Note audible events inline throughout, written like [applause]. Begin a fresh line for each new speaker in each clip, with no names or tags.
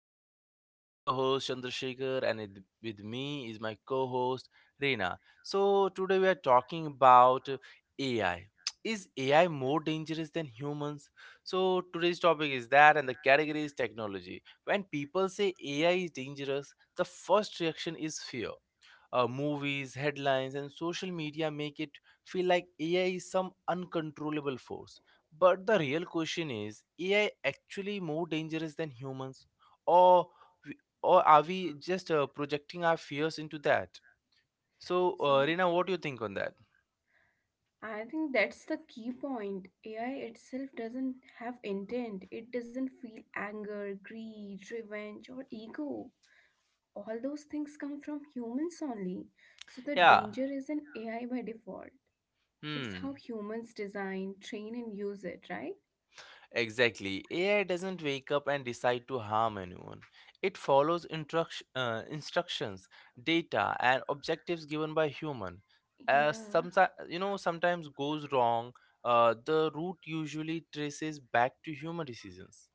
episode. I'm your host Chandrasekhar, with me is my co-host Reena. So today we are talking about AI. [tsk] Is AI more dangerous than humans? So today's topic is that, and the category is technology. When people say AI is dangerous, the first reaction is fear. Movies, headlines, and social media make it feel like AI is some uncontrollable force. But the real question is, AI actually more dangerous than humans? Or, we- or are we just projecting our fears into that? So,
So
Rina, what do you think on that?
I think that's the key point. AI itself doesn't have intent. It doesn't feel anger, greed, revenge, or ego. All those things come from humans only. So the danger
Yeah.
isn't AI by default. It's
Hmm.
how humans design, train, and use it, right?
Exactly. AI doesn't wake up and decide to harm anyone. It follows instructions, data, and objectives given by human. Uh,
Yeah.
some, sometimes goes wrong. The root usually traces back to human decisions.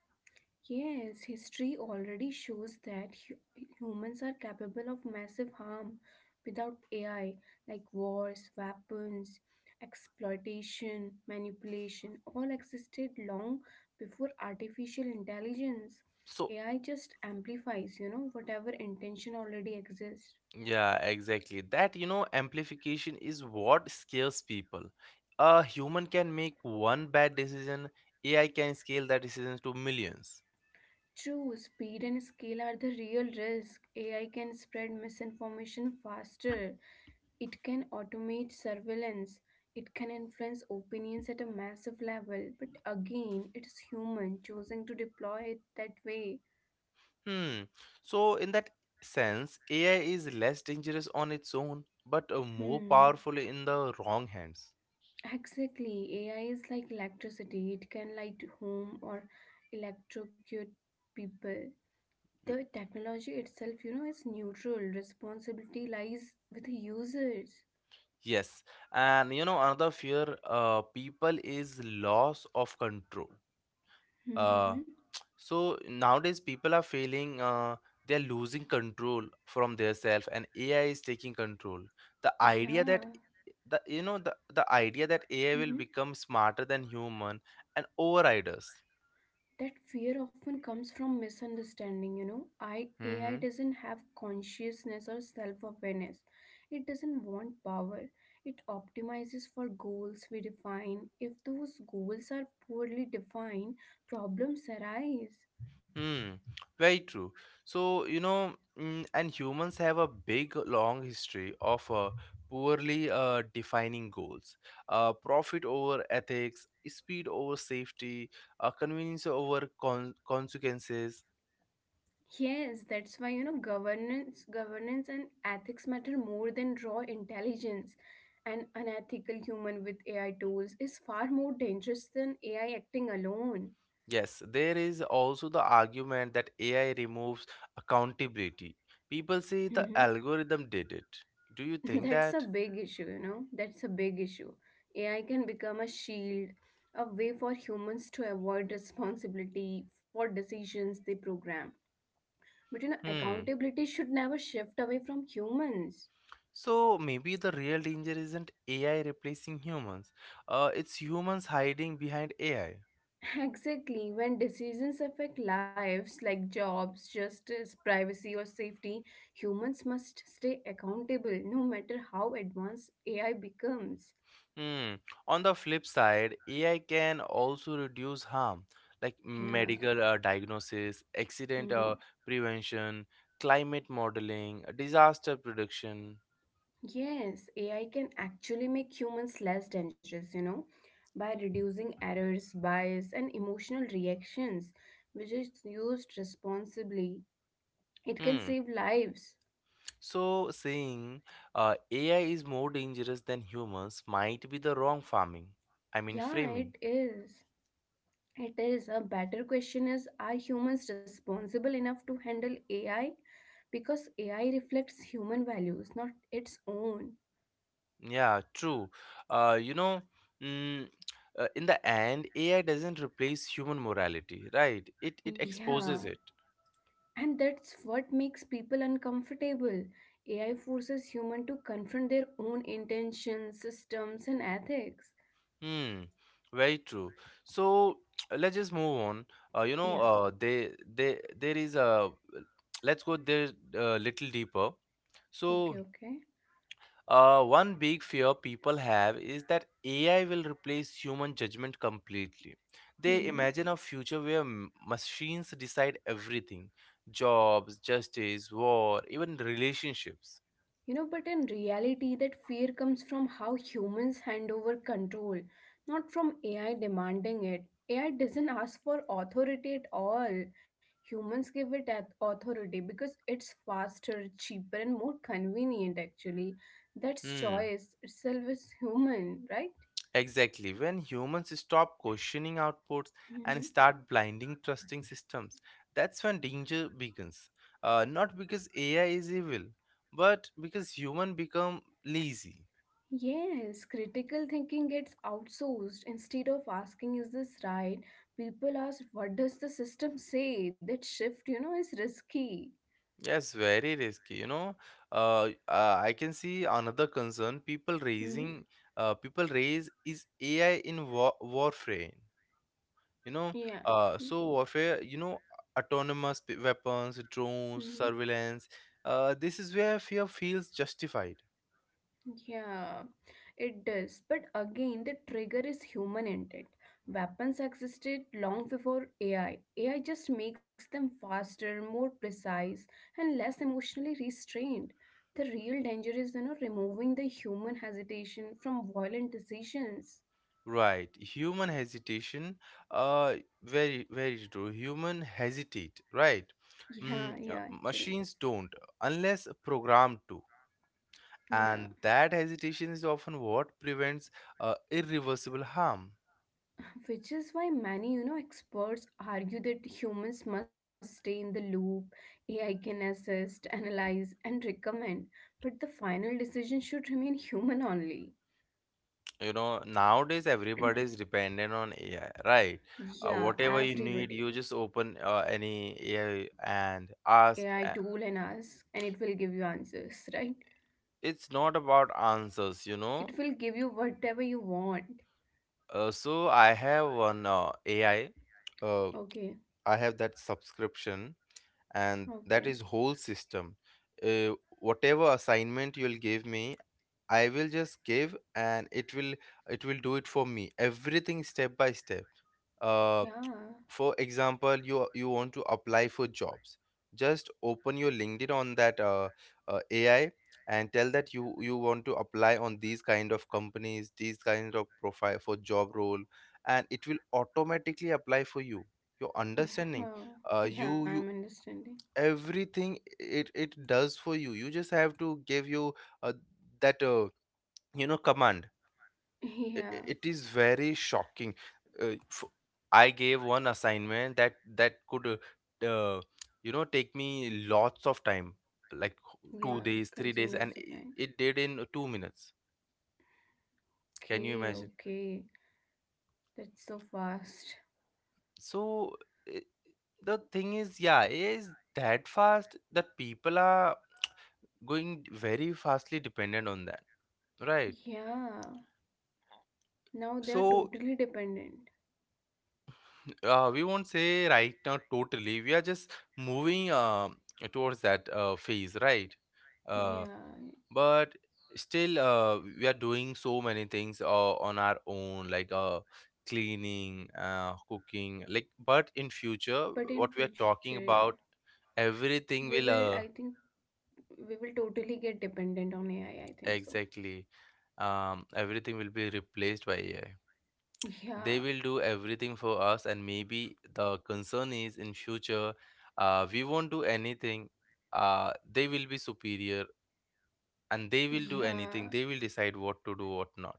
Yes, history already shows that humans are capable of massive harm without AI, like wars, weapons, exploitation, manipulation, all existed long before artificial intelligence.
So,
AI just amplifies, whatever intention already exists.
yeah, exactly. Amplification is what scares people. A human can make one bad decision. AI can scale that decision to millions.
True, speed and scale are the real risk. AI can spread misinformation faster. It can automate surveillance, it can influence opinions at a massive level, but again, it is human choosing to deploy it that way.
Hmm. So, in that sense, AI is less dangerous on its own, but more
Hmm.
powerful in the wrong hands.
Exactly. AI is like electricity. It can light home or electrocute people.
Y-
The technology itself, is neutral. Responsibility lies with the users.
Yes, and you know another fear, people, is loss of control. Uh,
Mm-hmm.
so nowadays people are feeling, they are losing control from their self, and AI is taking control. The idea
Yeah.
that the you know the idea that AI will
Mm-hmm.
become smarter than human and override us.
That fear often comes from misunderstanding. AI doesn't have consciousness or self awareness. It doesn't want power. It optimizes for goals we define. If those goals are poorly defined, problems arise.
Hmm, very true. So, and humans have a big long history of poorly defining goals. Profit over ethics, speed over safety, convenience over consequences.
Yes, that's why governance and ethics matter more than raw intelligence. An unethical human with AI tools is far more dangerous than AI acting alone.
Yes, there is also the argument that AI removes accountability. People say the
[laughs]
algorithm did it. Do you
[laughs]
think
That's a
that?
big issue, you know. That's a big issue. AI can become a shield, a way for humans to avoid responsibility for decisions they program. But
Hmm.
accountability should never shift away from humans.
So maybe the real danger isn't AI replacing humans. It's humans hiding behind AI.
[laughs] Exactly, when decisions affect lives like jobs, justice, privacy, or safety, humans must stay accountable no matter how advanced AI becomes.
Hmm. On the flip side, AI can also reduce harm, like
Yeah.
medical diagnosis, accident
Mm-hmm.
prevention, climate modeling, disaster prediction.
Yes, AI can actually make humans less dangerous, by reducing errors, bias, and emotional reactions, which is used responsibly. It can
Hmm.
save lives.
So saying, AI is more dangerous than humans, might be the wrong farming. I mean
Yeah,
framing.
it is. It is. A better question is, are humans responsible enough to handle AI? Because AI reflects human values, not its own.
Yeah, true. Uh, you know, mm, in the end, AI doesn't replace human morality, right? It
Yeah.
exposes it.
And that's what makes people uncomfortable. AI forces human to confront their own intentions, systems, and ethics.
Hmm. Very true. So, [tsk] let's just move on.
Yeah,
They there is a [tsk] let's go there a little deeper.
okay,
So,
okay.
One big fear people have is that AI will replace human judgment completely. They
Hmm.
imagine a future where machines decide everything: jobs, justice, war, even relationships.
But in reality, that fear comes from how humans hand over control, not from AI demanding it. AI doesn't ask for authority at all. Humans give it at authority because it's faster, cheaper, and more convenient, actually. That's
Hmm,
choice itself is human, right?
exactly. When humans stop questioning outputs and
Mhm.
start blinding trusting systems, that's when danger begins, not because AI is evil, but because human become lazy.
Yes, critical thinking gets outsourced. Instead of asking, is this right? People ask, what does the system say? That shift is risky.
Yes, very risky. I can see another concern people
Hmm.
raising, uh, people raise is AI in warfare. You know,
Yeah.
so warfare. Autonomous weapons, drones,
Hmm.
surveillance. This is where fear feels justified.
Yeah, it does. But again, the trigger is human intent. Weapons existed long before AI. AI just makes them faster, more precise, and less emotionally restrained. The real danger is removing the human hesitation from violent decisions.
Right, human hesitation. Uh, very, very true. Human hesitate. Right,
Yeah, yeah, actually.
machines don't, unless programmed to,
Yeah.
and that hesitation is often what prevents irreversible harm.
Which is why many experts argue that humans must stay in the loop. AI can assist, analyze, and recommend, but the final decision should remain human only.
Nowadays everybody is dependent on AI, right?
Yeah,
Whatever you need,
everybody.
you just open any AI and ask,
AI
uh,
tool and ask, and it will give you answers, [laughs] right?
it's not about answers.
It will give you whatever you want.
So I have one AI, uh,
Okay,
I have that subscription, and
okay.
that is whole system. uh, Whatever assignment you'll give me, I will just give, and it will do it for me, everything step by step. uh
Yeah.
for example, you want to apply for jobs. Just open your LinkedIn on that, AI, and tell that you want to apply on these kind of companies, these kind of profile for job role, and it will automatically apply for you. Your understanding,
Huh. Yeah,
you
I'm
you
understanding. [laughs]
everything it does for you. You just have to give you, uh, that, command. i-
Yeah,
i- it is very shocking. Uh, f- i gave one assignment that could take me lots of time, like two
yeah,
days three
consume
days
lots
and
of
i-
time.
it did in 2 minutes. Can you
Okay,
imagine?
okay. That's so fast.
So I The thing is, yeah, it is that fast that people are going very fastly dependent on that, right?
Yeah, now they are
so
totally dependent.
Uh, we won't say right now totally. We are just moving, towards that phase, right? Uh,
Yeah,
but still, we are doing so many things on our own, like cleaning, cooking. Like, but in future,
but
what we
in
are
future,
talking
yeah,
about, everything
we
will
will, I think, we will totally get dependent on AI. I think so.
exactly, everything will be replaced by AI.
[laughs]
They
Yeah,
will do everything for us, and maybe the concern is in future, we won't do anything. They will be superior, and they will do anything.
yeah,
They will decide what to do, what not.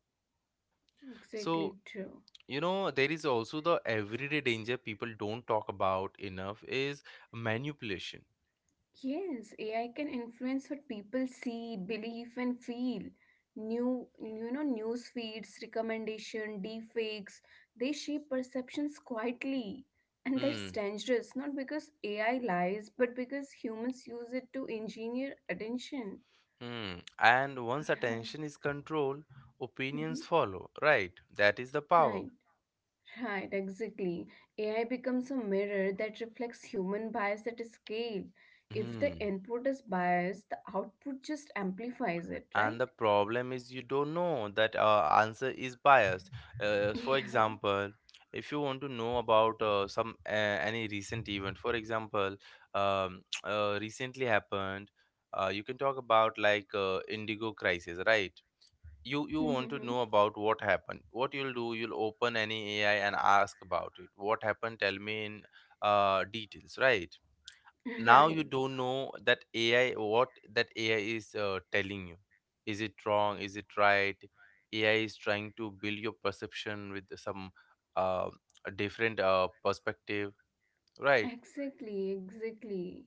so
exactly true.
you know there is also the everyday danger people don't talk about enough: is manipulation.
Yes, AI can influence what people see, believe, and feel. News feeds, recommendation, deepfakes, they shape perceptions quietly. And that's
Hmm.
dangerous, not because AI lies, but because humans use it to engineer attention.
Hmm. And once
Yeah.
attention is controlled,
Mhm.
opinions follow, right? That is the power.
Right. Right, exactly. AI becomes a mirror that reflects human bias at a scale. If the
Hmm.
input is biased, the output just amplifies it, right?
And the problem is you don't know that answer is biased. For
Yeah,
example, if you want to know about some any recent event, for example, [tsk] recently happened, you can talk about, like, Indigo crisis, right? You want to
[laughs]
know about what happened. What you'll do, you'll open any AI and ask about it. What happened? Tell me in details, right? Now
right.
you don't know that AI, what that AI is telling you. Is it wrong, is it right? AI is trying to build your perception with some uh, different perspective, right?
Exactly, exactly.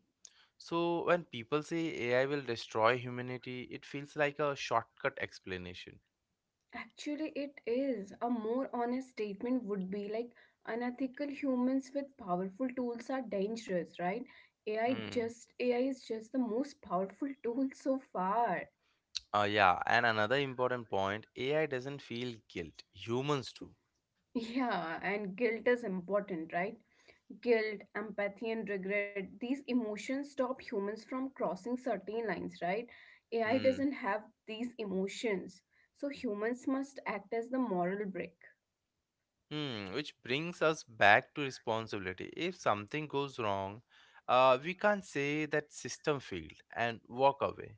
So when people say AI will destroy humanity, it feels like a shortcut explanation.
Actually, it is. A more honest statement would be like, unethical humans with powerful tools are dangerous, right? AI
Hmm.
just AI is just the most powerful tool so far. [laughs]
Yeah, and another important point, AI doesn't feel guilt. Humans do.
Yeah, and guilt is important, right? Guilt, empathy, and regret, these emotions stop humans from crossing certain lines, right? AI
Hmm.
doesn't have these emotions. So humans must act as the moral brake.
Hmm, which brings us back to responsibility. If something goes wrong, we can't say that system failed and walk away,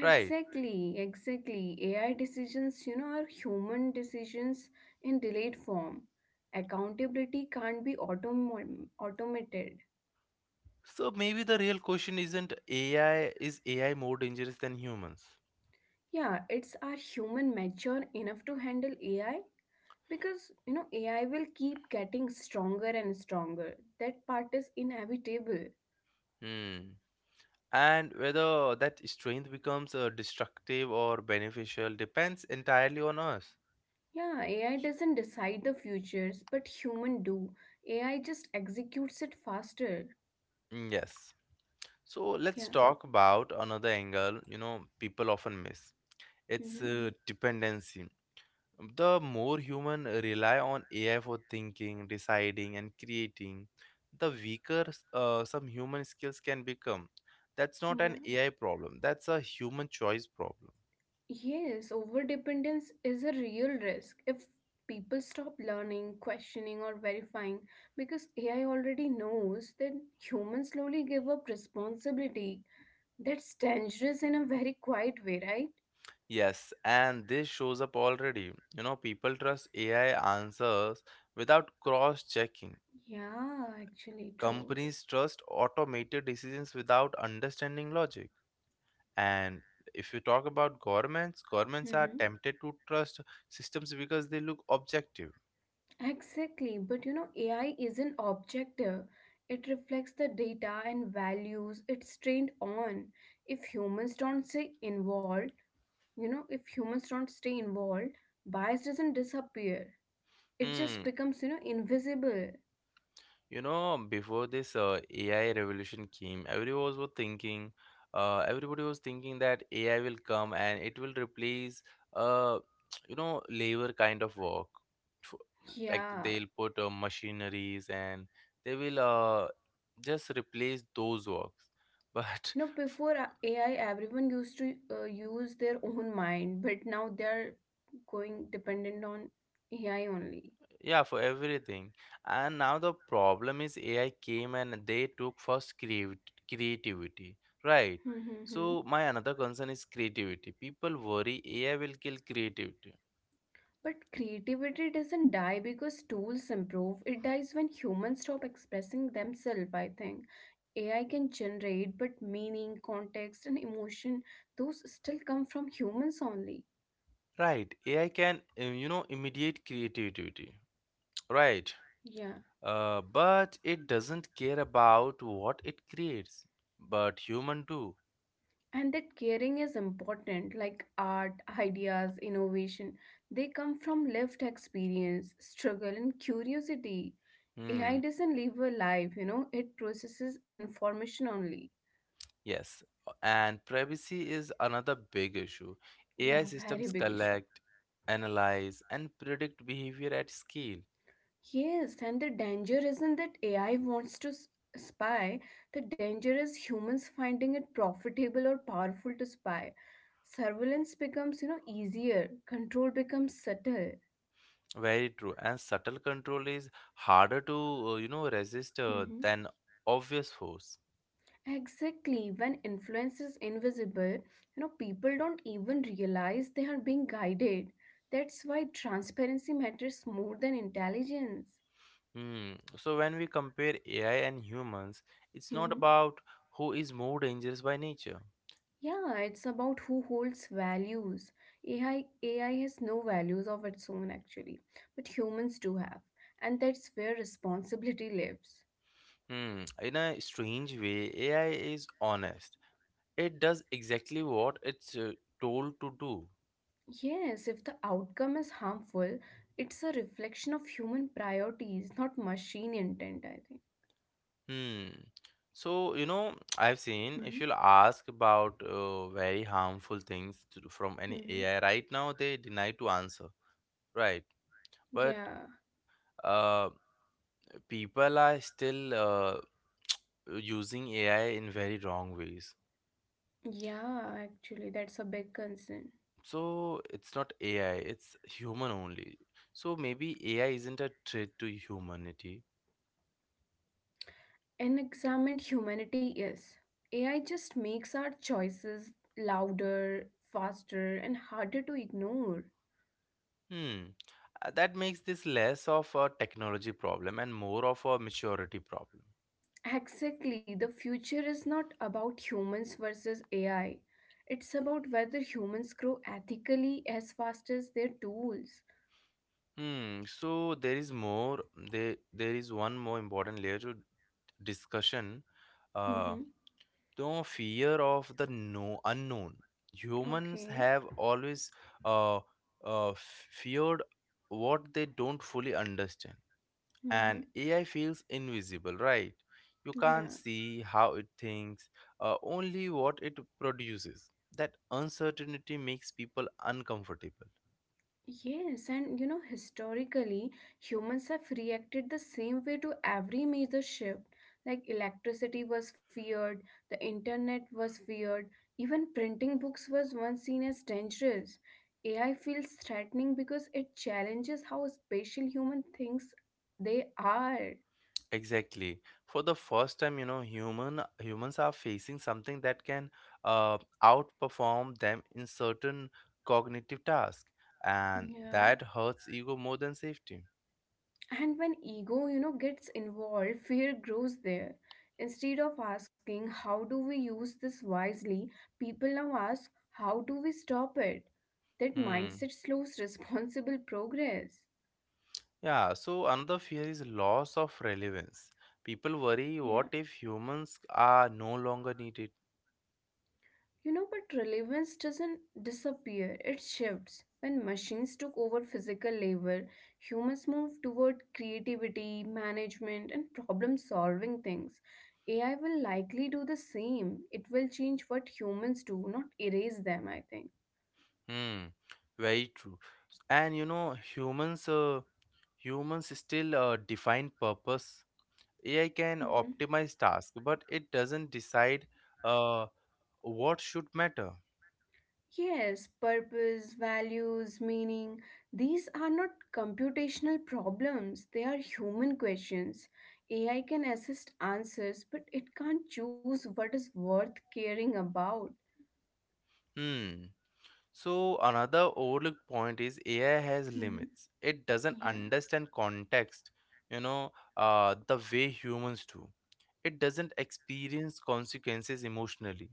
right?
exactly. AI decisions are human decisions in delayed form. Accountability can't be automated.
So maybe the real question isn't AI, is AI more dangerous than humans?
Yeah, it's, are human mature enough to handle AI? Because AI will keep getting stronger and stronger. That part is inevitable.
Hmm. And whether that strength becomes destructive or beneficial depends entirely on us.
Yeah ai doesn't decide the futures but human do ai just executes it faster
Yes. So let's
yeah.
talk about another angle, people often miss. It's
Hmm.
dependency. The more human rely on AI for thinking, deciding, and creating, the weaker some human skills can become. That's not
Yeah,
an AI problem, that's a human choice problem.
yes, overdependence is a real risk if people stop learning, questioning or verifying, because AI already knows. Then humans slowly give up responsibility. That's dangerous in a very quiet way, right?
Yes, and this shows up already. People trust AI answers without cross checking.
Yeah, actually true.
Companies trust automated decisions without understanding logic, and if you talk about governments are
Hmm.
tempted to trust systems because they look objective.
Exactly. But AI isn't objective. It reflects the data and values it's trained on. If humans don't stay involved, you know, if humans don't stay involved, bias doesn't disappear. It just
Hmm.
becomes, you know, invisible.
Before this AI revolution came, everybody was thinking that AI will come and it will replace, uh, [tsk] labor kind of work. F- Like
Yeah.
they'll put machineries, and they will just replace those works. But
You know,
[laughs]
before AI, everyone used to use their own mind, but now they're going dependent on AI only.
yeah, for everything. And now the problem is AI came and they took first creativity, right? So
[laughs]
my another concern is creativity. People worry AI will kill creativity,
But creativity doesn't die because tools improve. It dies when humans stop expressing themselves, I think. AI can generate, but meaning, context, and emotion, those still come from humans only.
right? AI can, immediate creativity, right?
Yeah.
But it doesn't care about what it creates, but human do.
And that caring is important, like art, ideas, innovation. They come from lived experience, struggle, and curiosity. AI
Hmm.
doesn't live a life, you know, it processes information only.
Yes, and privacy is another big issue.
Yeah,
AI
very
systems
big issue.
collect, analyze, and predict behavior at scale.
Yes, and the danger isn't that AI wants to spy, the danger is humans finding it profitable or powerful to spy. Surveillance becomes easier, control becomes subtle.
Very true. And subtle control is harder to, resist,
Mhm.
than obvious force.
Exactly, when influence is invisible, people don't even realize they are being guided. That's why transparency matters more than intelligence.
Hmm. So when we compare AI and humans, it's not about who is more dangerous by nature.
Yeah, it's about who holds values. AI has no values of its own, actually, but humans do have, and that's where responsibility [laughs] lives.
Hmm. In a strange way, AI is honest. It does exactly what it's told to do.
Yes, if the outcome is harmful, it's a reflection of human priorities, not machine intent, I think.
Hmm. So, I've seen
Mm-hmm.
if you'll ask about very harmful things to, from any
Mm-hmm.
AI right now, they deny to answer, right? But
Yeah,
uh, people are still using AI in very wrong ways.
yeah, actually, that's a big concern.
So it's not AI, it's human only. So maybe AI isn't a threat to humanity.
Unexamined humanity is. AI just makes our choices louder, faster, and harder to ignore.
Hmm. That makes this less of a technology problem and more of a maturity problem.
Exactly. The future is not about humans versus AI. It's about whether humans grow ethically as fast as their tools.
Hmm. So there is more. There is one more important layer to discussion. Uh,
Mm-hmm.
no fear of the no unknown. Humans
Okay.
have always uh, feared what they don't fully understand,
Mm-hmm.
and AI feels invisible, right? You can't
Yeah.
see how it thinks, only what it produces. That uncertainty makes people uncomfortable.
Yes, and historically, humans have reacted the same way to every major shift. Like electricity was feared, the internet was feared, even printing books was once seen as dangerous. AI feels threatening because it challenges how special human thinks they are.
Exactly. For the first time, humans are facing something that can uh, outperform them in certain cognitive tasks, and
Yeah.
that hurts ego more than safety.
And when ego gets involved, fear grows there. Instead of asking, how do we use this wisely, people now ask, how do we stop it? That
Hmm.
mindset slows [laughs] responsible progress.
Yeah. So another fear is loss of relevance. People worry, what if
Yeah.
humans are no longer needed?
But relevance doesn't disappear, it shifts. When machines took over physical labor, humans moved toward creativity, management, and problem solving things. AI will likely do the same. It will change what humans do, not erase them, I think.
Hmm. Very true. And humans still define purpose. AI can optimize tasks, but it doesn't decide uh, what should matter.
Yes, purpose, values, meaning, these are not computational problems, they are human questions. AI can assist answers, but it can't choose what is worth caring about.
Hmm. So another overlooked point is AI has
Mhm.
limits. It doesn't
Yeah.
understand context, the way humans do. It doesn't experience consequences emotionally.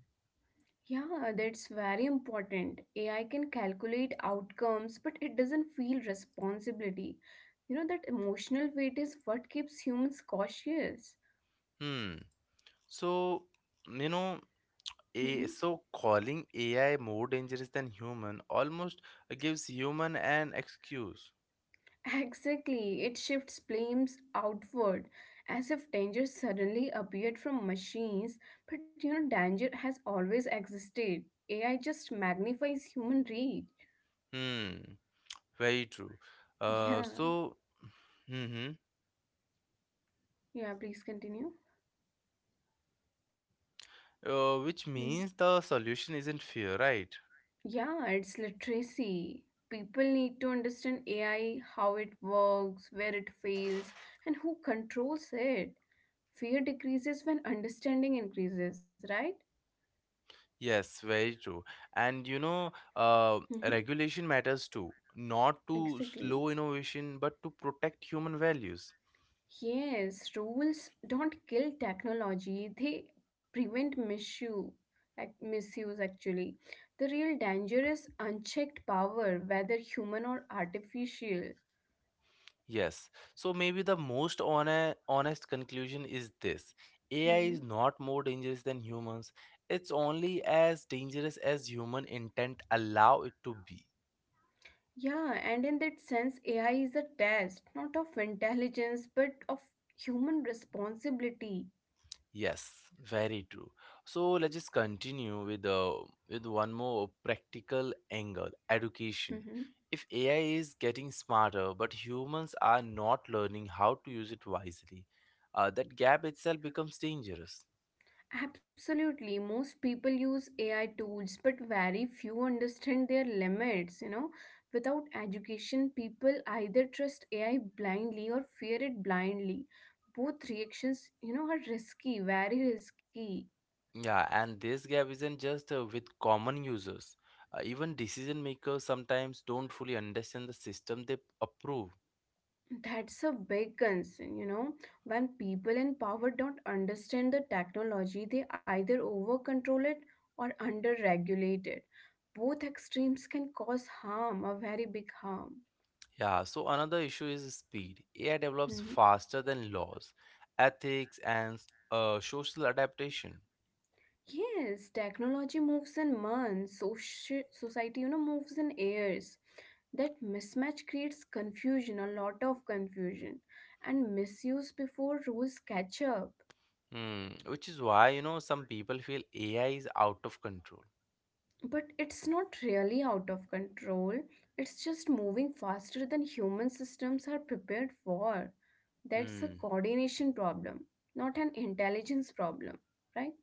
Yeah, that's very important. AI can calculate outcomes, but it doesn't feel responsibility. That emotional weight is what keeps humans cautious.
Hmm. So, you know, a so calling AI more dangerous than human almost gives human an excuse.
Exactly, it shifts blames outward, as if danger suddenly appeared from machines, but danger has always existed. AI just magnifies human reach.
Hmm. Very true. Uh,
Yeah,
so, hmm
yeah, please continue.
which
Hmm.
means the solution isn't fear, right?
Yeah, it's literacy. People need to understand AI, how it works, where it fails, and who controls it. Fear decreases when understanding increases, right?
Yes, very true. And
Mhm.
regulation matters too, not to
Exactly.
slow innovation, but to protect human values.
Yes, rules don't kill technology, they prevent misuse, misuse actually. The real danger is unchecked power, whether human or artificial.
Yes. So maybe the most honest conclusion is this: AI is
Mhm.
not more dangerous than humans. It's only as dangerous as human intent allow it to be.
Yeah, and in that sense, AI is a test, not of intelligence, but of human responsibility.
Yes, very true. So let's just continue with one more practical angle, education.
Mhm.
If AI is getting smarter, but humans are not learning how to use it wisely, that gap itself becomes dangerous.
Absolutely. Most people use AI tools, but very few understand their limits. Without education, people either trust AI blindly or fear it blindly. Both reactions are risky, very risky.
Yeah, and this gap isn't just with common users. Even decision makers sometimes don't fully understand the system they approve.
That's a big concern. When people in power don't understand the technology, they either over control it or under regulate it. Both extremes can cause harm, a very big harm.
Yeah, so another issue is speed. AI develops
Mm-hmm.
faster than laws, ethics, and social adaptation.
Yes, technology moves in months, society, moves in years. That mismatch creates confusion, a lot of confusion, and misuse before rules catch up.
Hmm. Which is why, you know, some people feel AI is out of control.
But it's not really out of control, it's just moving faster than human systems are prepared for. That's a
Hmm.
coordination problem, not an intelligence problem, right? [laughs]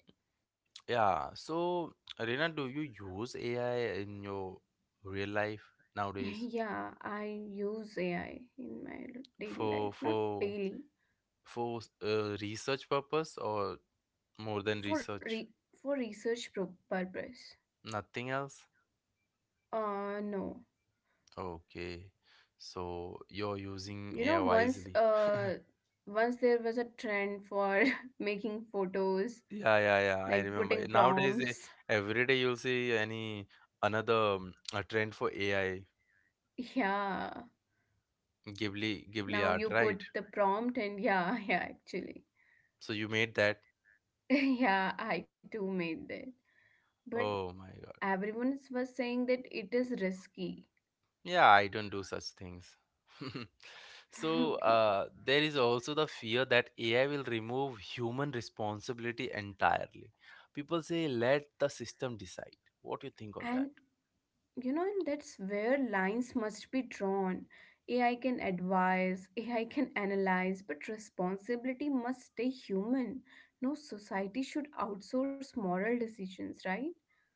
Yeah, so Rina, do you use AI in your real life nowadays
Yeah, I use AI in my daily
for
life, not
for
daily
for research purpose or more than
for
research?
for research purpose.
Nothing else?
No.
Okay. So you're using
You know,
AI wisely.
once there was a trend for [laughs] making photos
Yeah, yeah,
like
yeah. I
putting
remember. Nowadays,
prompts.
every day you'll see any another a trend for AI,
[laughs] Yeah,
Ghibli, Ghibli
now
art,
you
right?
put the prompt and, yeah. [laughs] Yeah, actually.
So you made that.
[laughs] Yeah, I too made that, but
Oh my God.
everyone was saying that it is risky.
Yeah, I don't do such things. [laughs]
[laughs]
So
Okay.
there is also the fear that AI will remove human responsibility entirely. People say, let the system decide. What do you think on that?
And, you know, and that's where lines must be drawn. AI can advise, AI can analyze, but responsibility must stay human. No society should outsource moral decisions, right?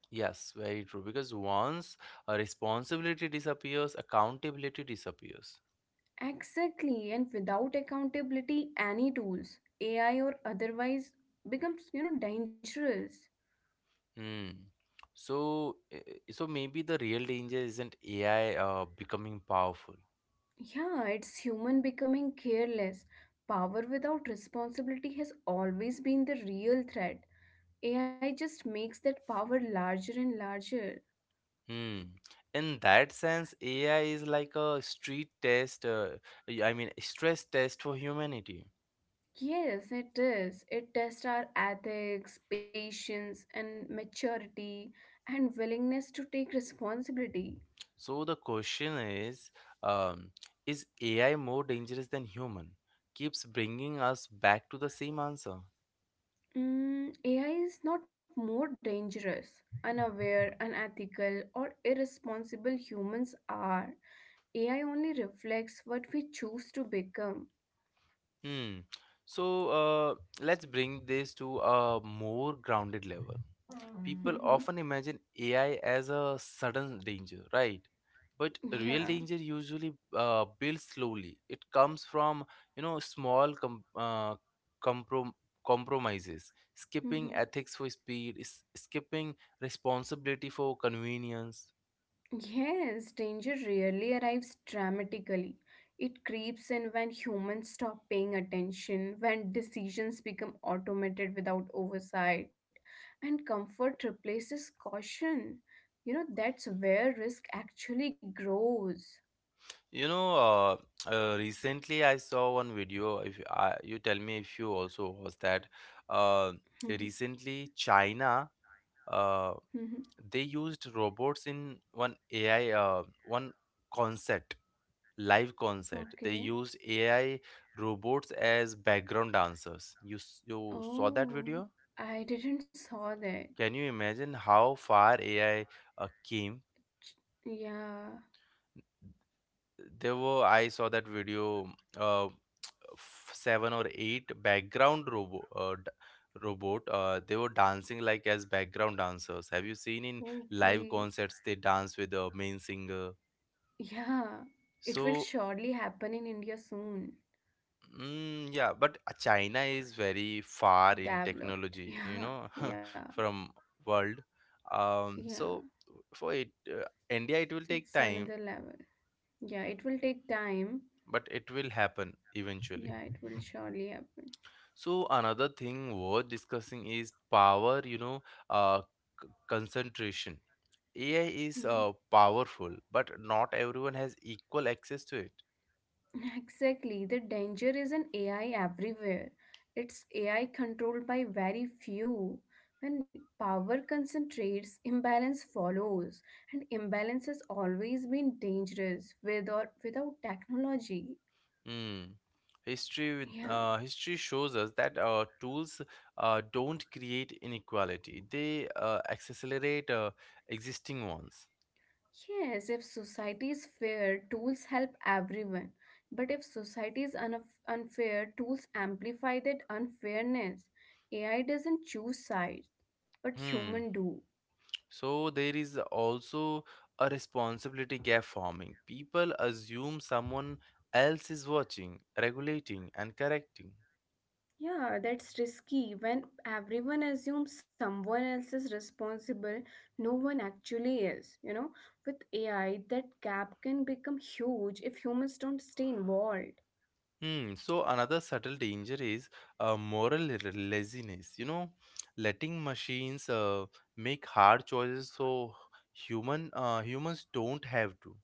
Yes, very true. Because once a responsibility disappears, accountability disappears.
Exactly, and without accountability, any tools, AI or otherwise, becomes dangerous.
Hmm. So maybe the real danger isn't AI becoming powerful.
Yeah, it's human becoming careless. Power without responsibility has always been the real threat. AI just makes that power larger and larger.
Hmm. In that sense, AI is like a street test. I mean, stress test for humanity.
Yes, it is. It tests our ethics, patience, and maturity, and willingness to take responsibility.
So the question um, is AI more dangerous than human? Keeps bringing us back to the same answer.
Mm, AI is not more dangerous, unaware, unethical, or irresponsible humans are. AI only reflects what we choose to become.
Hmm. So, let's bring this to a more grounded level. People
Mhm.
often imagine AI as a sudden danger, right? But real
Yeah.
danger usually builds slowly. It comes from, you know, comprom- compromises, skipping
Mm-hmm.
ethics for speed, skipping responsibility for convenience.
Yes, danger rarely arrives dramatically. It creeps in when humans stop paying attention, when decisions become automated without oversight, and comfort replaces caution. You know that's where risk actually grows. [laughs]
You know, uh, Recently I saw one video. If you- I, You tell me if you also was that, uh,
Mhm,
recently China. Uh,
mhm.
they used robots in one concert, live concert. They
Okay.
used AI robots as background dancers. You saw that
Oh,
video?
I didn't saw that.
Can you imagine how far AI came?
Ch- Yeah,
There were I saw that video. 7 or 8 background robot they were dancing like as background dancers. Have you seen in live
okay.
concerts they dance with the main singer?
Yeah, it will
So
surely happen in India soon.
mm, yeah, but China is very far in
Developed, [laughs]
technology, you
yeah,
know,
yeah,
[laughs] from world. Um,
yeah,
so for it, India, it will take
it's
time,
another level. Yeah, it will take time.
but it will happen eventually.
Yeah, it will surely happen.
So another thing worth discussing is power, uh, concentration. AI is
Mhm.
powerful, but not everyone has equal access to it.
[laughs] Exactly, the danger is in AI everywhere, it's AI controlled by very few. When power concentrates, imbalance follows, and imbalance has always been dangerous with or without technology.
Mm.
[laughs] Yeah.
History shows us that tools don't create inequality; they accelerate existing ones.
Yes, if society is fair, tools help everyone. But if society is unfair, tools amplify that unfairness. AI doesn't choose sides, but human
Hmm.
do.
So there is also a responsibility gap forming. People assume someone else is watching, regulating, and correcting.
Yeah, that's risky. When everyone assumes someone else is responsible, no one actually is. You know, with AI, that gap can become huge if humans don't stay involved.
Hmm. So another subtle danger is laziness. You know, letting machines make hard choices so humans don't have to.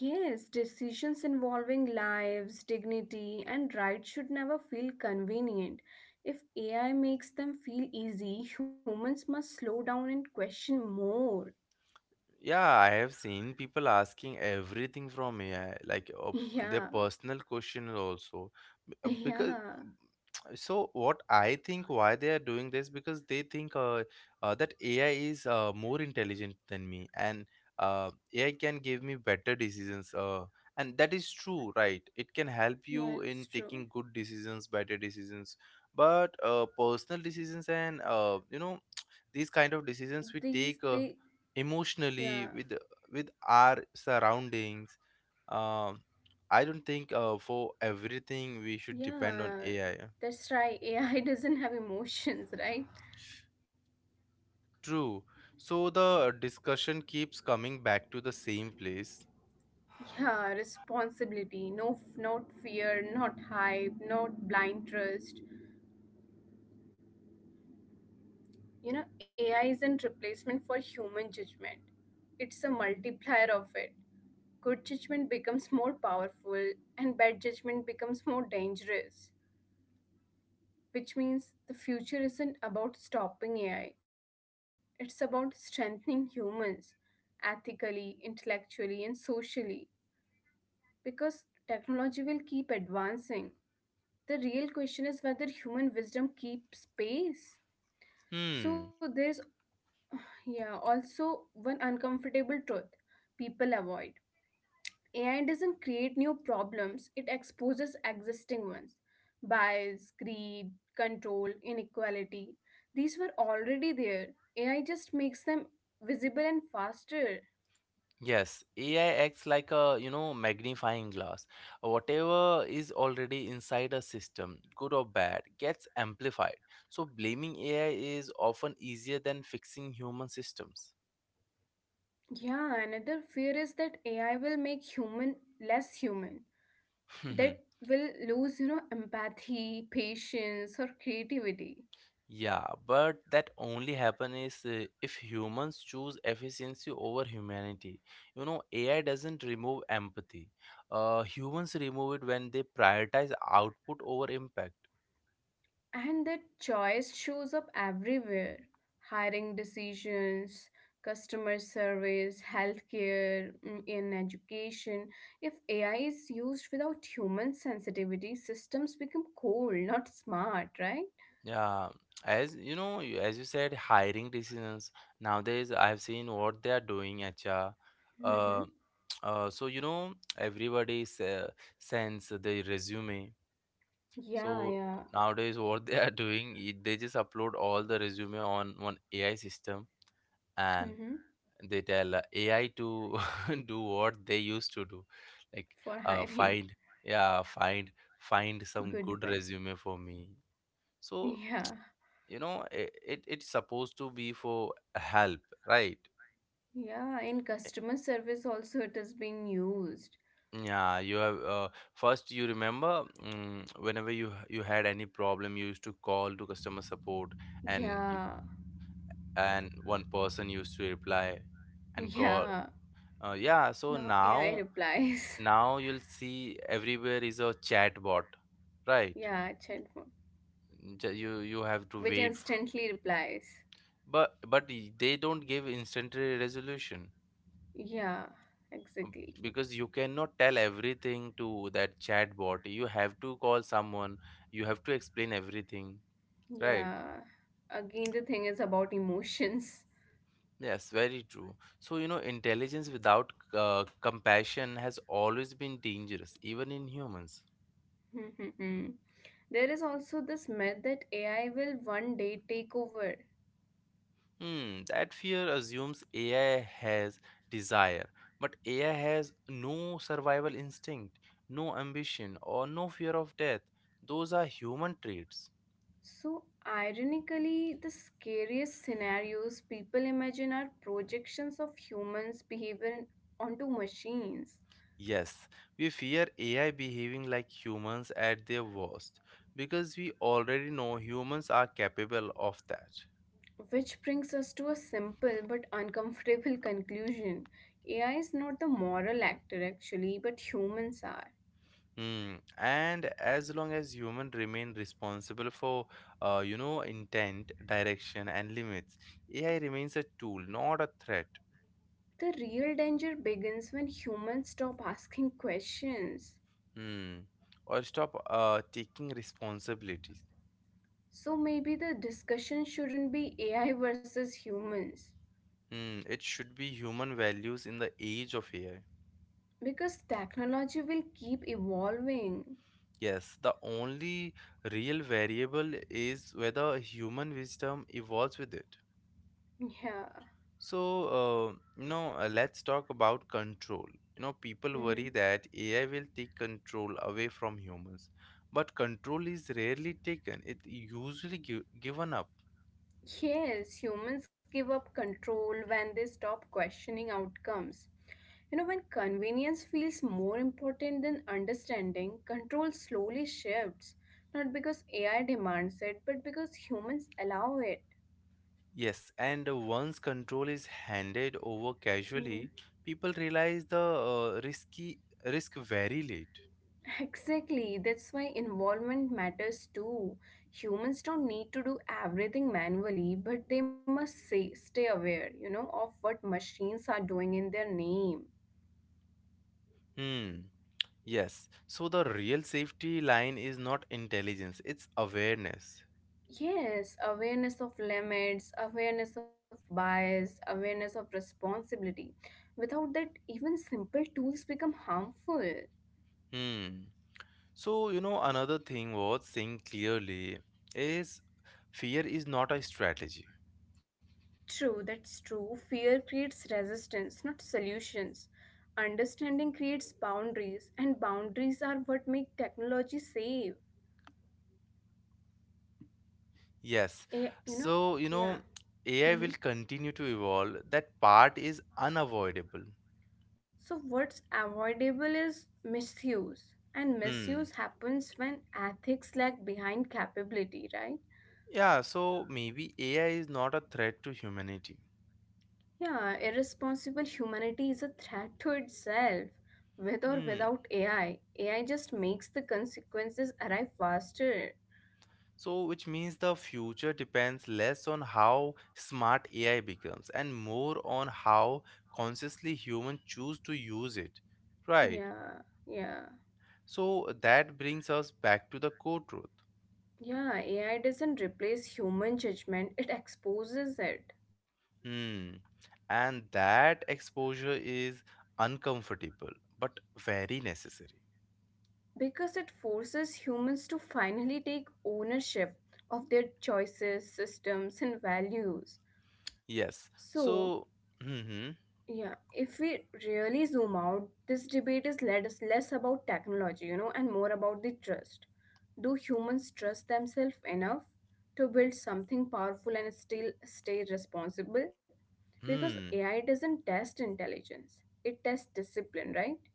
Yes, decisions involving lives, dignity, and rights should never feel convenient. If AI makes them feel easy, humans must slow down and question more.
Yeah, I have seen people asking everything from AI, like
[laughs]
their
Yeah,
personal questions also. Because
yeah,
[tsk] so what I think why they are doing this, because they think that AI is more intelligent than me, and AI can give me better decisions. And that is true, right? It can help
yeah,
you in
it's true.
taking good decisions, better decisions, but personal decisions and, you know, [tsk] these kind of decisions we
These,
take
they,
emotionally
yeah,
with our surroundings. um I don't think for everything we should depend on
yeah,
AI.
that's right. [laughs] AI doesn't have emotions, right?
True. So the discussion keeps coming back to the same place.
Yeah, responsibility, no, not fear, not hype, not blind trust. You know, AI isn't replacement for human judgment. It's a multiplier of it. Good judgment becomes more powerful and bad judgment becomes more dangerous, which means the future isn't about stopping AI. It's about strengthening humans ethically, intellectually, and socially because technology will keep advancing. The real question is whether human wisdom keeps pace.
Hmm.
So there's yeah, also one uncomfortable truth people avoid. AI doesn't create new problems, it exposes existing ones. Bias, greed, control, inequality. These were already there. AI just makes them visible and faster.
Yes, AI acts like a, you know, magnifying glass. Whatever is already inside a system, good or bad, gets amplified. So blaming AI is often easier than fixing human systems.
Yeah, another fear is that AI will make human less human. That
[laughs]
will lose, you know, empathy, patience, or creativity.
Yeah, but that only happen is if humans choose efficiency over humanity. You know, AI doesn't remove empathy. Humans remove it when they prioritize output over impact.
And that choice shows up everywhere: hiring decisions, customer service, healthcare, mm, in education. If AI is used without human sensitivity, systems become cold, not smart, right?
Yeah, as you know, as you said, hiring decisions nowadays. I've seen what they are doing. HR.
Mm-hmm.
Uh, so you know, everybody sends the resume.
Yeah,
So
yeah.
nowadays, what they are [laughs] doing, they just upload all the resume on one AI system, and
Mm-hmm.
they tell AI to [laughs] do what they used to do, like
For
uh,
hiring.
find, yeah, find
[laughs]
some
Good
good
one.
resume for me. So
Yeah.
you know, it's supposed to be for help, right?
Yeah. In
Eh,
customer service, also, it is being used.
Yeah, you have first you remember mm whenever you had any problem, you used to call to customer support, and you,
Yeah. [laughs]
and one person used to reply and call.
Yeah.
Yeah, so
Now AI
now
replies.
now you'll see everywhere is a chat bot,
[laughs]
right?
Yeah, chat,
You you have to
which
wait
instantly replies,
but they don't give instantaneous resolution,
yeah, exactly.
because you cannot tell everything to that chat bot, you have to call someone, you have to explain everything, right?
Yeah. Again, the thing is about emotions.
Yes, very true. So you know intelligence without compassion has always been dangerous even in humans.
[laughs] There is also this myth that AI will one day take over.
Hmm, that fear assumes AI has desire, but AI has no survival instinct, no ambition, or no fear of death. Those are human traits.
So, ironically, the scariest scenarios people imagine are projections of humans' behavior onto machines.
Yes, we fear AI behaving like humans at their worst because we already know humans are capable of that.
Which brings us to a simple but uncomfortable [laughs] conclusion. AI is not the moral actor, actually, but humans are.
Hmm. And as long as humans remain responsible for, you know, intent, direction, and limits, AI remains a tool, not a threat.
The real danger begins when humans stop asking questions.
Hmm. Or stop taking responsibilities.
So maybe the discussion shouldn't be AI versus humans
Hmm. It should be human values in the age of AI.
because technology will keep evolving.
Yes, the only real variable is whether human wisdom evolves with it.
Yeah.
So, uh, let's talk about control. You know, people worry
Mhm.
that AI will take control away from humans, but control is rarely taken. It usually given up.
Yes, humans give up control when they stop questioning outcomes. You know, when convenience feels more important than understanding, control slowly shifts. Not because AI demands it, but because humans allow it.
Yes, and once control is handed over
Mm-hmm.
casually, people realize the risk very late.
Exactly, that's why involvement matters too. Humans don't need to do everything manually, but they must say, stay aware, you know, of what machines are doing in their name.
Hmm. Yes. So the real safety line is not intelligence, it's awareness.
Yes, awareness of limits, awareness of bias, awareness of responsibility. Without that, even simple tools become harmful.
Hmm. So you know another thing worth saying clearly is fear is not a strategy.
True, that's true. Fear creates resistance, not solutions. Understanding creates boundaries, and boundaries are what make technology safe.
Yes.
Eh, you know,
So you know
yeah.
AI will
Hmm.
continue to evolve. That part is unavoidable.
So, what's avoidable is misuse, and
Hmm.
misuse happens when ethics lag behind capability, right?
Yeah, so maybe AI is not a threat to humanity.
Yeah, irresponsible humanity is a threat to itself. With or
Hmm.
without AI, AI just makes the consequences arrive faster.
So, which means the future depends less on how smart AI becomes and more on how consciously humans choose to use it. Right.
Yeah, yeah,
So, that brings us back to the core truth.
yeah. AI doesn't replace human judgment, it exposes it
Hmm. And that exposure is uncomfortable but very necessary.
because it forces humans to finally take ownership of their choices, systems, and values.
Yes.
So,
So, hmm.
yeah, if we really zoom out, this debate is less about technology, you know, and more about the trust. Do humans trust themselves enough to build something powerful and still stay responsible? Because
Hmm.
AI doesn't test intelligence, it tests discipline, right?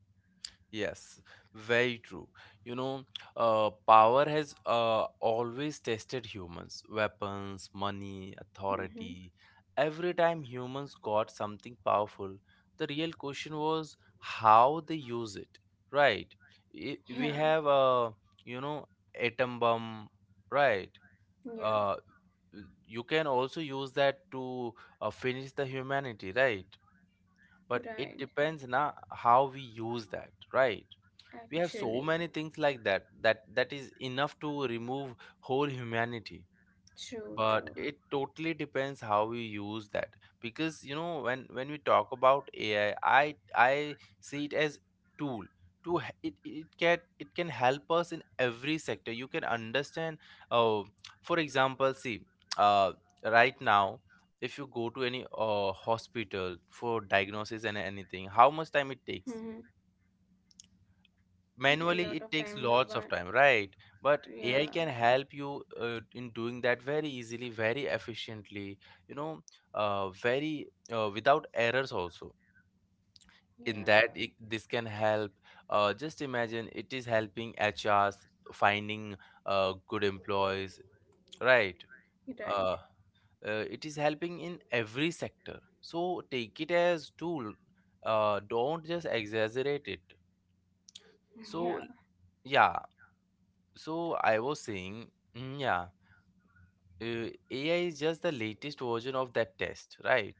Yes, very true. You know, power has always tested humans: weapons, money, authority.
Mm-hmm.
Every time humans got something powerful, the real question was how they use it, right? We have,
Yeah,
you know, atom bomb, right? Uh,
yeah,
you can also use that to finish the humanity, right? But
right.
it depends na how we use that, right? We have so
Actually,
many things like that, that is enough to remove whole humanity,
true,
but
true.
it totally depends how we use that. Because you know, when we talk about AI, I see it as tool. It, it can, it can help us in every sector, you can understand. uh, for example, see, uh, right now, if you go to any hospital for diagnosis and anything, how much time it
Mm-hmm.
takes
A lot
manually?
of
It takes
time,
lots
one,
of time, right? But AI
yeah,
can help you in doing that very easily, very efficiently, you know, very without errors also.
yeah,
This can help. Just imagine it is helping HRs finding good employees, right? uh,
right.
it is helping in every sector, so take it as tool. Don't just exaggerate it. So
Yeah,
yeah, so I was saying, mm, yeah, AI is just the latest version of that test, right?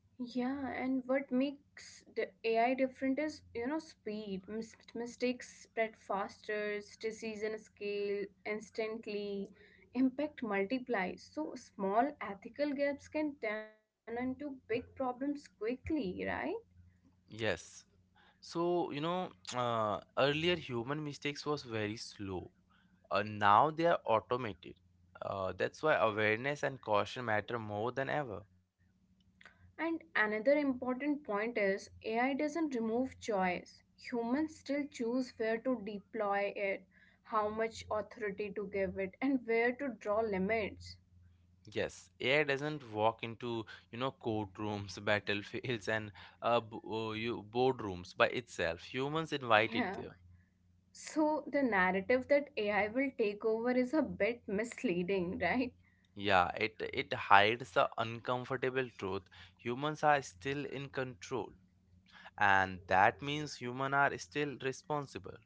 yeah, and what makes the AI different is, you know, speed. Mistakes spread faster, decision scale instantly, impact multiplies. So small ethical gaps can turn into big problems quickly, right?
Yes. So, you know, [tsk] earlier human mistakes was very slow. Now they are automated. That's why awareness and caution matter more than ever.
And another important point is AI doesn't remove choice. Humans still choose where to deploy it, how much authority to give it, and where to draw limits.
Yes, AI doesn't walk into, you know, courtrooms, [laughs] battlefields, and boardrooms by itself. Humans invite it
Yeah.
there.
So the narrative that AI will take over is a bit misleading, [laughs] right?
Yeah, it hides the uncomfortable truth. Humans are still in control, and that means human are still responsible.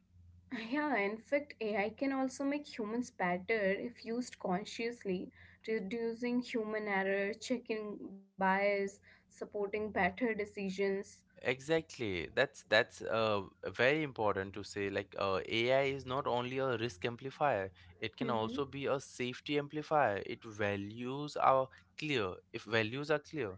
Yeah, in fact, AI can also make humans better if used consciously, reducing human error, checking bias, supporting better decisions.
Exactly. That's very important to say. Like AI is not only a risk amplifier; it can
Mhm.
also be a safety amplifier. It values are clear if values are clear,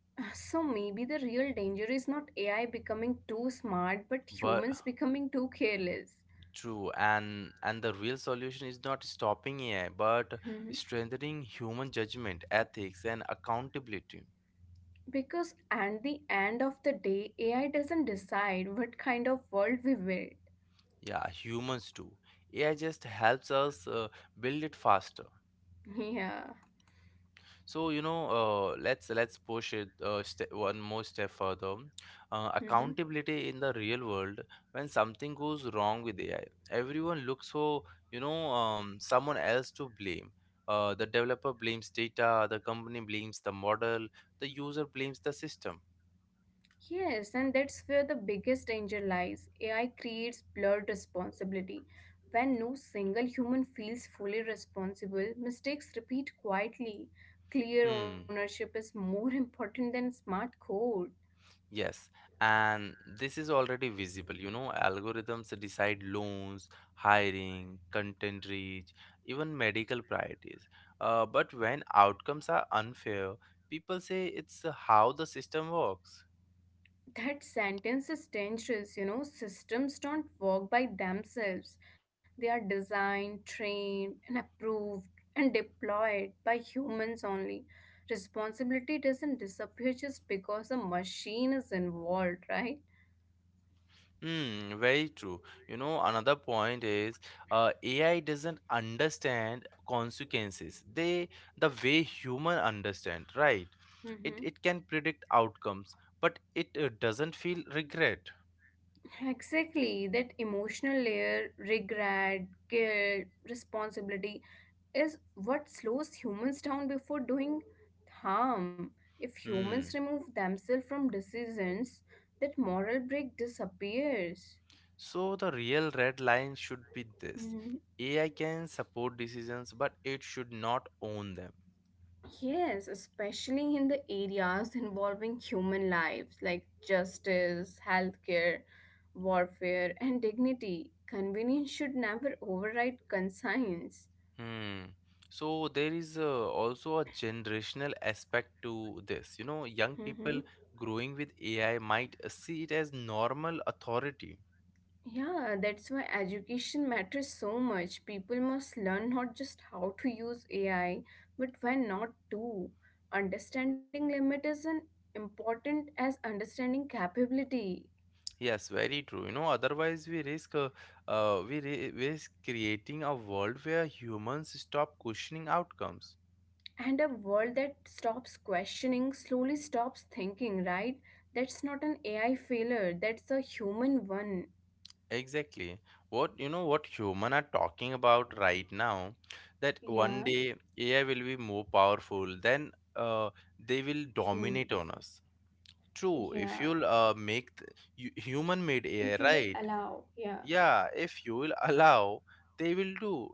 So maybe the real danger is not AI becoming too smart, but
but
humans becoming too careless.
true, and the real solution is not stopping AI, but
Hmm.
strengthening human judgment, ethics, and accountability.
Because at the end of the day, AI doesn't decide what kind of world we will.
Yeah, humans too. AI just helps us build it faster.
Yeah.
So you know, let's push it ste one more step further.
Hmm.
Accountability in the real world, when something goes wrong with AI, everyone looks for someone else to blame. The developer blames data, the company blames the model, the user blames the system.
Yes, and that's where the biggest danger lies. AI creates blurred responsibility. When no single human feels fully responsible, mistakes repeat quietly. Clear
Hmm.
ownership is more [laughs] important than smart code.
Yes, and this is already visible. You know, algorithms decide loans, hiring, content reach, even medical priorities. But when outcomes are unfair, people say it's how the system works.
That sentence is dangerous. You know, systems don't work by themselves. They are designed, trained, and approved and deployed by humans only. Responsibility doesn't disappear just because a machine is involved, right?
Hmm, very true. You know, another point is AI doesn't understand consequences. They the way human understand, right? It can predict outcomes, but it doesn't feel regret.
Exactly, that emotional layer, regret, guilt, responsibility, is what slows humans down before doing harm. If humans
Hmm.
remove themselves from decisions, that moral break disappears.
So the real red line should be this.
Mm,
AI can support decisions, but it should not own them.
yes, especially in the areas involving human lives like justice, healthcare, warfare, and dignity. Convenience should never override conscience.
Hmm. So there is also a generational aspect to this. You know, young people
Mhm.
growing with AI might see it as normal authority.
Yeah, that's why education matters so much. People must learn not just how to use AI, but when not to. Understanding limit is an important as understanding capability.
Yes, very true. You know, otherwise we risk we risk creating a world where humans stop questioning outcomes.
And a world that stops questioning slowly stops thinking, right? That's not an AI failure, that's a human one.
Exactly. What you know what human are talking about right now that one
Yeah,
day AI will be more powerful then they will
humans.
dominate on us. True. If
Yeah,
you'll you, human made
if
AI
you will
right.
allow, yeah,
Yeah, if you will [laughs] allow they will do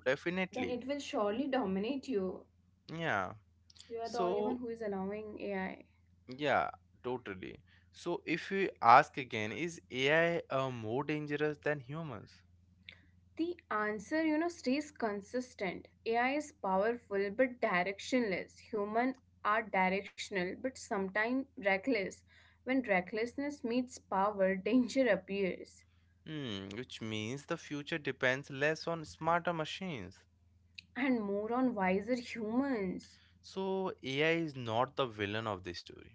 then
definitely.
it will surely dominate you.
Yeah.
You are the only one
So
who is allowing AI.
yeah, totally. So if we ask again, is AI more dangerous than humans?
The answer, you know, stays consistent. AI is powerful but directionless. Human are directional but sometimes reckless. When recklessness meets power, [laughs] danger appears.
Hmm, which means the future depends less on smarter machines.
And more on wiser humans.
So AI is not the villain of this story.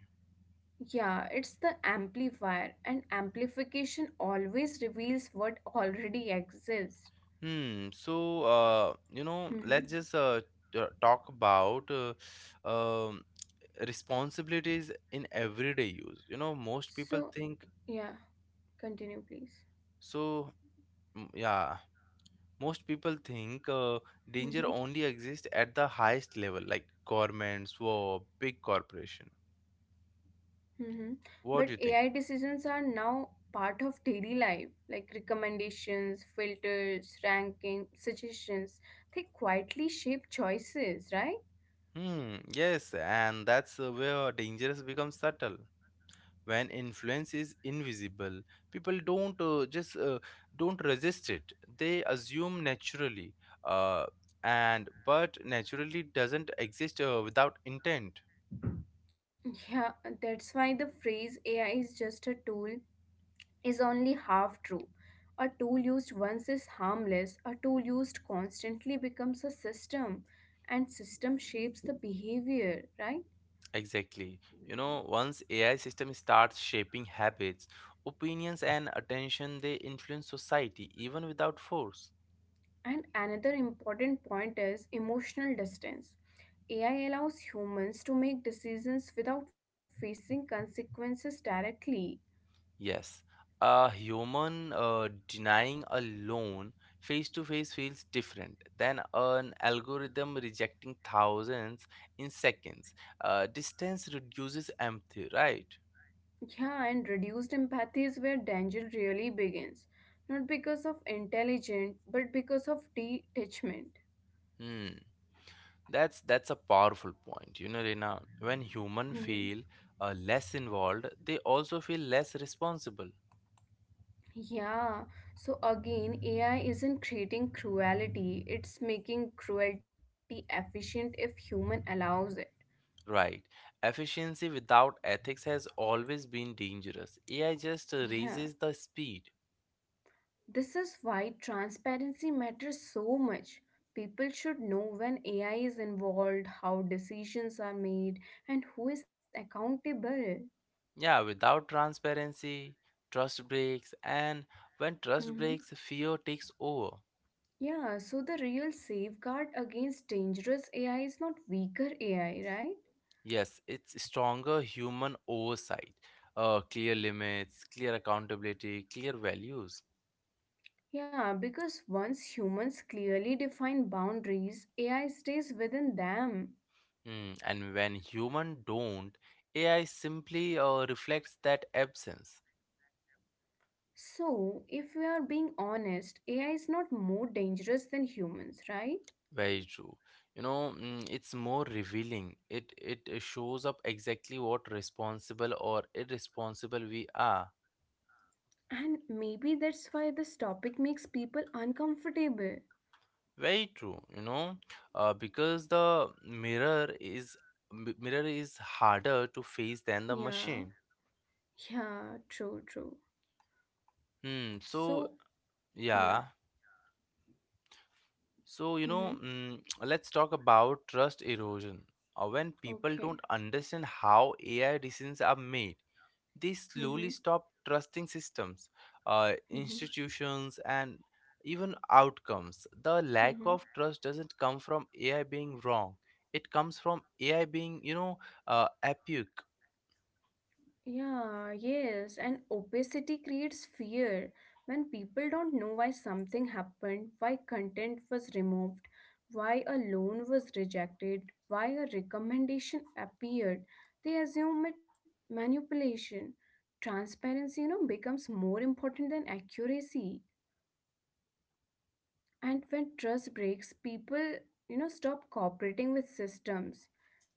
Yeah, it's the amplifier, and amplification always reveals what already exists.
Hmm. So
Mhm.
talk about um, responsibilities in everyday use. You know, most people
So,
think
yeah, continue, please.
so. Yeah, most people think danger only exists at the highest level, like governments, war, big corporation.
Mm-hmm. But
What do you think?
AI decisions are now part of daily life, like recommendations, filters, ranking, suggestions. They quietly shape choices, right?
Hmm, yes, and that's where dangerous becomes subtle. When influence is invisible, people don't resist it. They assume naturally, uh, and but naturally doesn't exist without intent.
Yeah, that's why the phrase AI is just a tool is only half true. A tool used once is harmless, a tool used constantly becomes a system, and system shapes the behavior, right?
Exactly. You know, once AI system starts shaping habits, opinions, and attention, they influence society even without force.
And another important point is emotional distance. AI allows humans to make decisions without facing consequences directly.
Yes, a human denying a loan face to face feels different than an algorithm rejecting thousands in seconds. Distance reduces empathy, right?
Yeah, and reduced empathy is where danger really begins. Not because of intelligence, but because of detachment.
Hmm. That's a powerful point. You know, Rina, when human
Mhm.
feel less involved, they also feel less responsible.
Yeah, so again, AI isn't creating cruelty, it's making cruelty efficient if human allows it.
Right. Efficiency without ethics has always been dangerous. AI just
Yeah.
raises the speed.
This is why transparency matters so much. People should know when AI is involved, how decisions are made, and who is accountable.
Yeah, without transparency, trust breaks, and when trust
Hmm.
breaks, fear takes over.
Yeah, so the real safeguard against dangerous AI is not weaker AI, right?
Yes, it's stronger human oversight, clear limits, clear accountability, clear values.
Yeah, because once humans clearly define boundaries, AI stays within them.
Mm, and when human don't, AI simply reflects that absence.
So, if we are being honest, AI is not more dangerous than humans, right?
Very true. You know, it's more revealing. It shows up exactly what responsible or irresponsible we are.
And maybe that's why this topic makes people uncomfortable.
Very true, you know, because the mirror is mirror is harder to face than the
Yeah,
machine.
yeah, true, true.
Hmm.
So,
So
yeah,
yeah. So you
mm-hmm.
know, [tsk] let's talk about trust erosion. When people don't
Okay.
understand how AI decisions are made, they
Mm-hmm.
slowly stop trusting systems,
Mm-hmm.
institutions, and even outcomes. The lack
Mm-hmm.
of trust doesn't come from AI being wrong. It comes from AI being, you know, epic.
Yeah, yes, and opacity creates fear. When people don't know why something happened, why content was removed, why a loan was rejected, why a recommendation appeared, they assume it manipulation. Transparency, you know, becomes more important than accuracy. And when trust breaks, people, you know, stop cooperating with systems.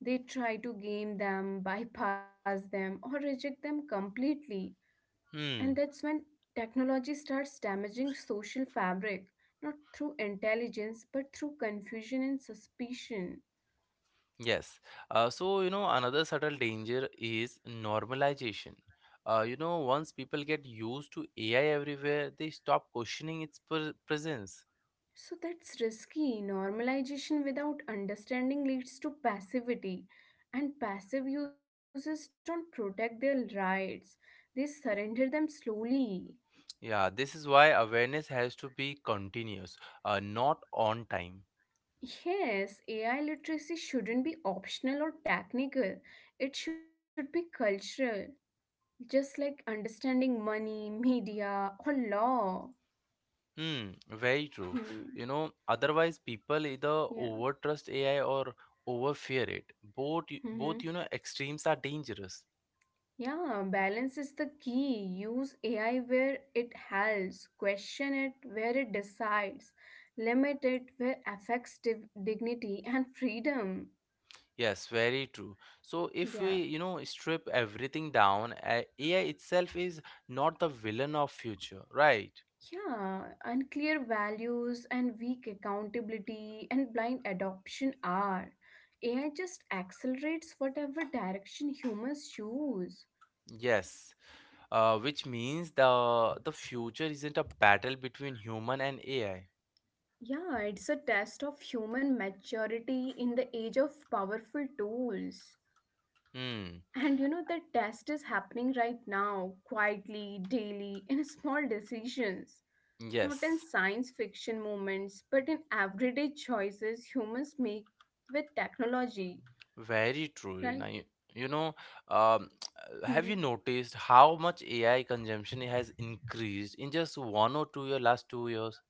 They try to game them, [laughs] bypass them, or reject them completely, and
Hmm.
that's when technology starts damaging social fabric, not through intelligence but through confusion and suspicion.
Yes. So another subtle danger is normalization. You know, once people get used to AI everywhere, they stop questioning its presence.
So that's risky. Normalization without understanding leads to passivity, and passive users don't protect their rights, they surrender them slowly.
Yeah, this is why awareness has to be continuous, not on time.
Yes, AI literacy shouldn't be optional or technical, it should be cultural, just like understanding money, media, or law.
Hmm, very true.
Hmm.
You know, otherwise people either
Yeah.
over trust AI or over fear it. Both, both, you
Mm-hmm.
know, extremes are dangerous.
Yeah, balance is the key. Use AI where it helps, question it where it decides, limit it where affects dignity and freedom.
Yes, very true. So if
Yeah.
we, you know, strip everything down, AI itself is not the villain of future, right?
Yeah, unclear values and weak accountability and blind adoption are. AI just accelerates whatever direction humans choose.
Yes. Which means the future isn't a battle between human and AI.
Yeah, it's a test of human maturity in the age of powerful tools.
Hmm,
And you know, the test is happening right now, quietly, daily, [laughs] in small decisions. Not in
yes.
science fiction moments, but in everyday choices humans make with technology,
Very true, now
right?
you know, um,
Mhm.
[tsk] have you noticed how much AI consumption has increased in just one or two-year last two years?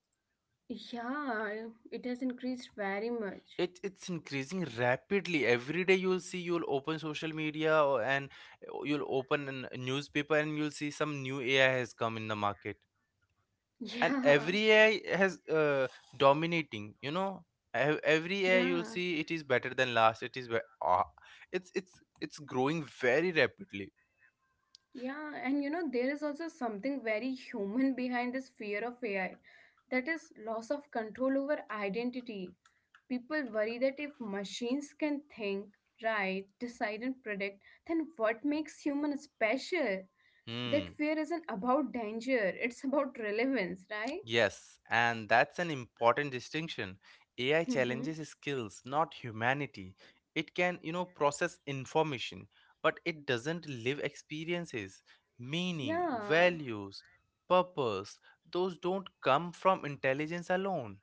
Yeah, it has increased very much.
It's increasing rapidly. Every day you'll see you'll open social media or, and you'll open a newspaper and you'll see some new AI has come in the market.
[laughs]
And
Yeah,
every AI has dominating. You know, every AI you'll
yeah.
see it is better than last. It is it's growing very rapidly.
Yeah, and you know, there is also something very human behind this fear of AI, that is, loss of control over identity. People worry that if machines can think, write, decide, and predict, then what makes human special? That
Hmm.
fear isn't about danger, it's about relevance, right?
Yes, and that's an important distinction. AI
Mm-hmm.
challenges skills, not humanity. It can, you know, process information, but it doesn't live experiences, meaning,
Yeah.
values, purpose. Those don't come from intelligence alone.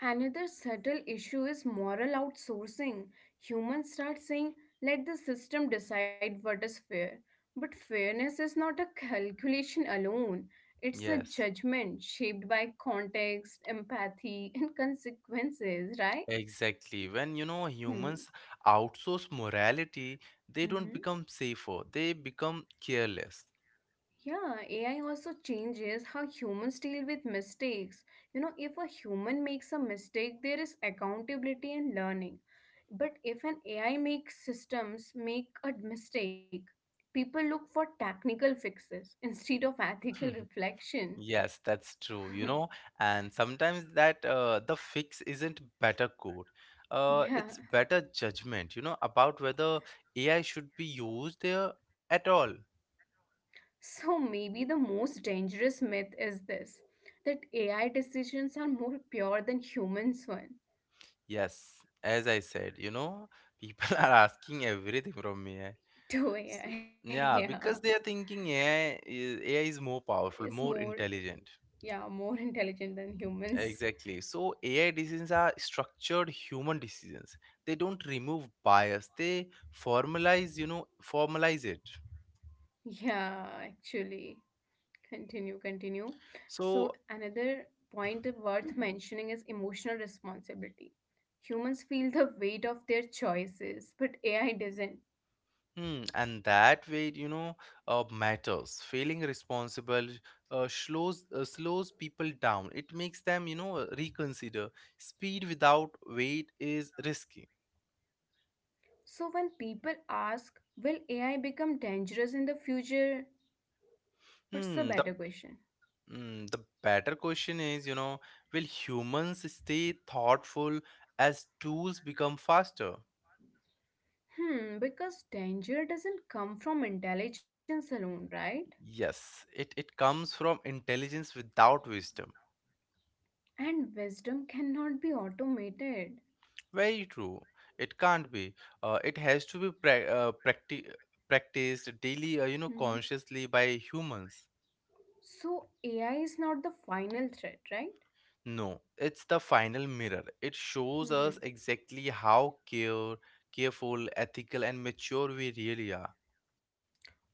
Another subtle issue is moral outsourcing. Humans start saying, let the system decide what is fair. But fairness is not a calculation alone, it's a
Yes,
judgment shaped by context, empathy, and consequences, right?
exactly. When, you know,
Hmm.
humans outsource morality, they don't
Mhm.
become safer, they become careless.
Yeah, AI also changes how humans deal with mistakes. You know, if a human makes a mistake, there is accountability and learning. But if an AI makes systems make a mistake, people look for technical fixes [laughs] instead of ethical
[laughs]
reflection.
Yes, that's true, you know,
[laughs]
and sometimes that the fix isn't better code. It's
Yeah.
better judgment, you know, about whether AI should be used there at all.
So maybe the most dangerous myth is this, that AI decisions are more pure than humans one.
Yes, as I said, you know, people [laughs] are asking everything from AI.
[laughs] To
So,
AI,
yeah,
yeah.
because they are thinking AI is, AI is more powerful,
It's
more
more
intelligent.
yeah, more [laughs] intelligent than humans.
Exactly. So AI decisions are structured human decisions. They don't remove bias. They formalize, you know, formalize it.
Yeah, actually. Continue, continue. So,
So,
another point worth mentioning is emotional responsibility. Humans feel the weight of their choices, but AI doesn't.
hmm, and that way, you know, matters. Feeling responsible slows people down. It makes them, you know, reconsider. Speed without weight is risky.
So, when people ask, will AI become dangerous in the future? What's the
Hmm. The
better question?
hmm. The better question is, you know, will humans stay thoughtful as tools become faster?
Hmm, because danger doesn't come from intelligence alone, right?
Yes, it comes from intelligence without wisdom.
And wisdom cannot be automated.
Very true. It can't be. It has to be practiced daily, you know,
Mm-hmm.
consciously by humans.
So AI is not the final threat, right?
No, it's the final mirror. It shows us
Hmm.
exactly how care, careful, ethical, and mature we really are.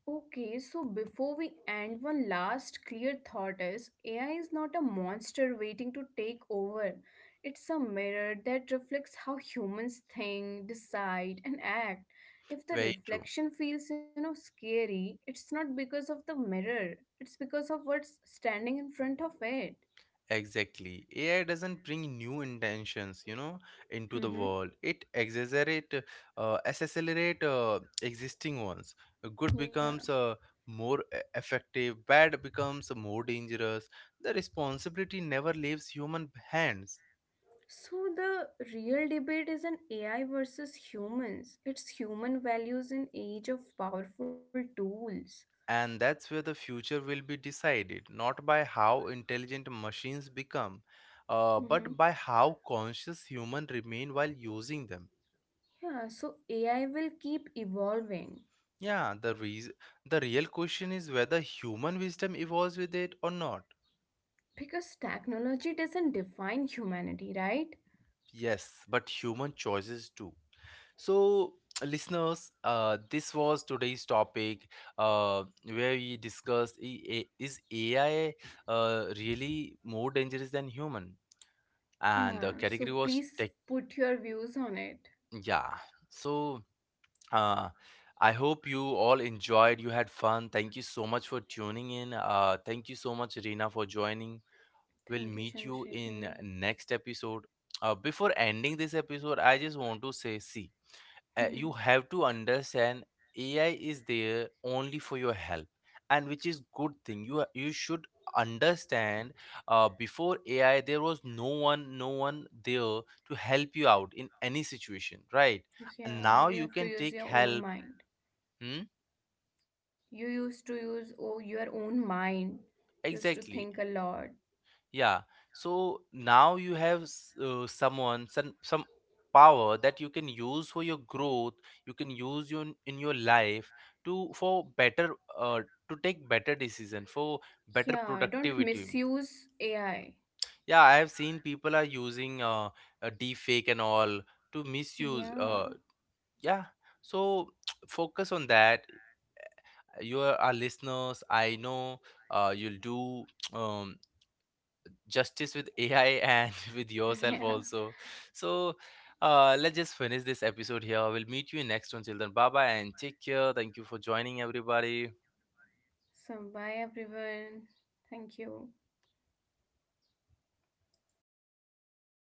Okay, so before we end, one last clear thought is AI is not a monster waiting to take over. It's a mirror that reflects how humans think, decide, and act. If the
Very true.
reflection feels, you know, scary, it's not because of the mirror. It's because of what's standing in front of it.
Exactly. AI doesn't bring new intentions, you know, into the
Hmm.
world. It exaggerate, accelerate existing ones. Good
Yeah.
becomes more effective. Bad becomes more dangerous. The responsibility never leaves human hands,
So the real debate is an AI versus humans. It's human values in age of powerful tools.
and that's where the future will be decided, not by how intelligent machines become,
Mhm.
but by how conscious human remain while using them.
Yeah, so AI will keep evolving
Yeah, the real question is whether human wisdom evolves with it or not.
because technology doesn't define humanity, right?
Yes, but human choices too. So, [tsk] listeners, this was today's topic, where we discussed is AI really more dangerous than human? And the
Yeah, so
category was
please
tech.
put your views on it.
Yeah. So, uh, I hope you all enjoyed. You had fun. Thank you so much for tuning in. Thank you so much, Reena, for joining. Will
Thank you,
meet you in
Chandrasekhar.
next episode. Before ending this episode, I just want to say, see, you
Mhm.
have to understand AI is there only for your help, and which is good thing. You should understand before AI there was no one, no one there to help you out in any situation, right? And
Yeah,
now
you
you
have to
can
use
take
your own
help.
mind.
Hmm?
You used to use oh, your own mind, used to think a
Exactly.
lot.
Yeah. So now you have some power that you can use for your growth, you can use your, in your life to for better to take better decision for better
Yeah, don't
productivity.
misuse AI.
Yeah, I have seen people are using a deep fake and all to misuse.
Yeah,
Yeah. So [tsk] focus on that. You are our listeners. I know you'll do [tsk] um, justice with AI and [laughs] with
[laughs]
yourself
yeah.
also. So let's just finish this episode here. We'll meet you in next one, children. Bye bye and take care. Thank you for joining everybody.
So, bye everyone. Thank you.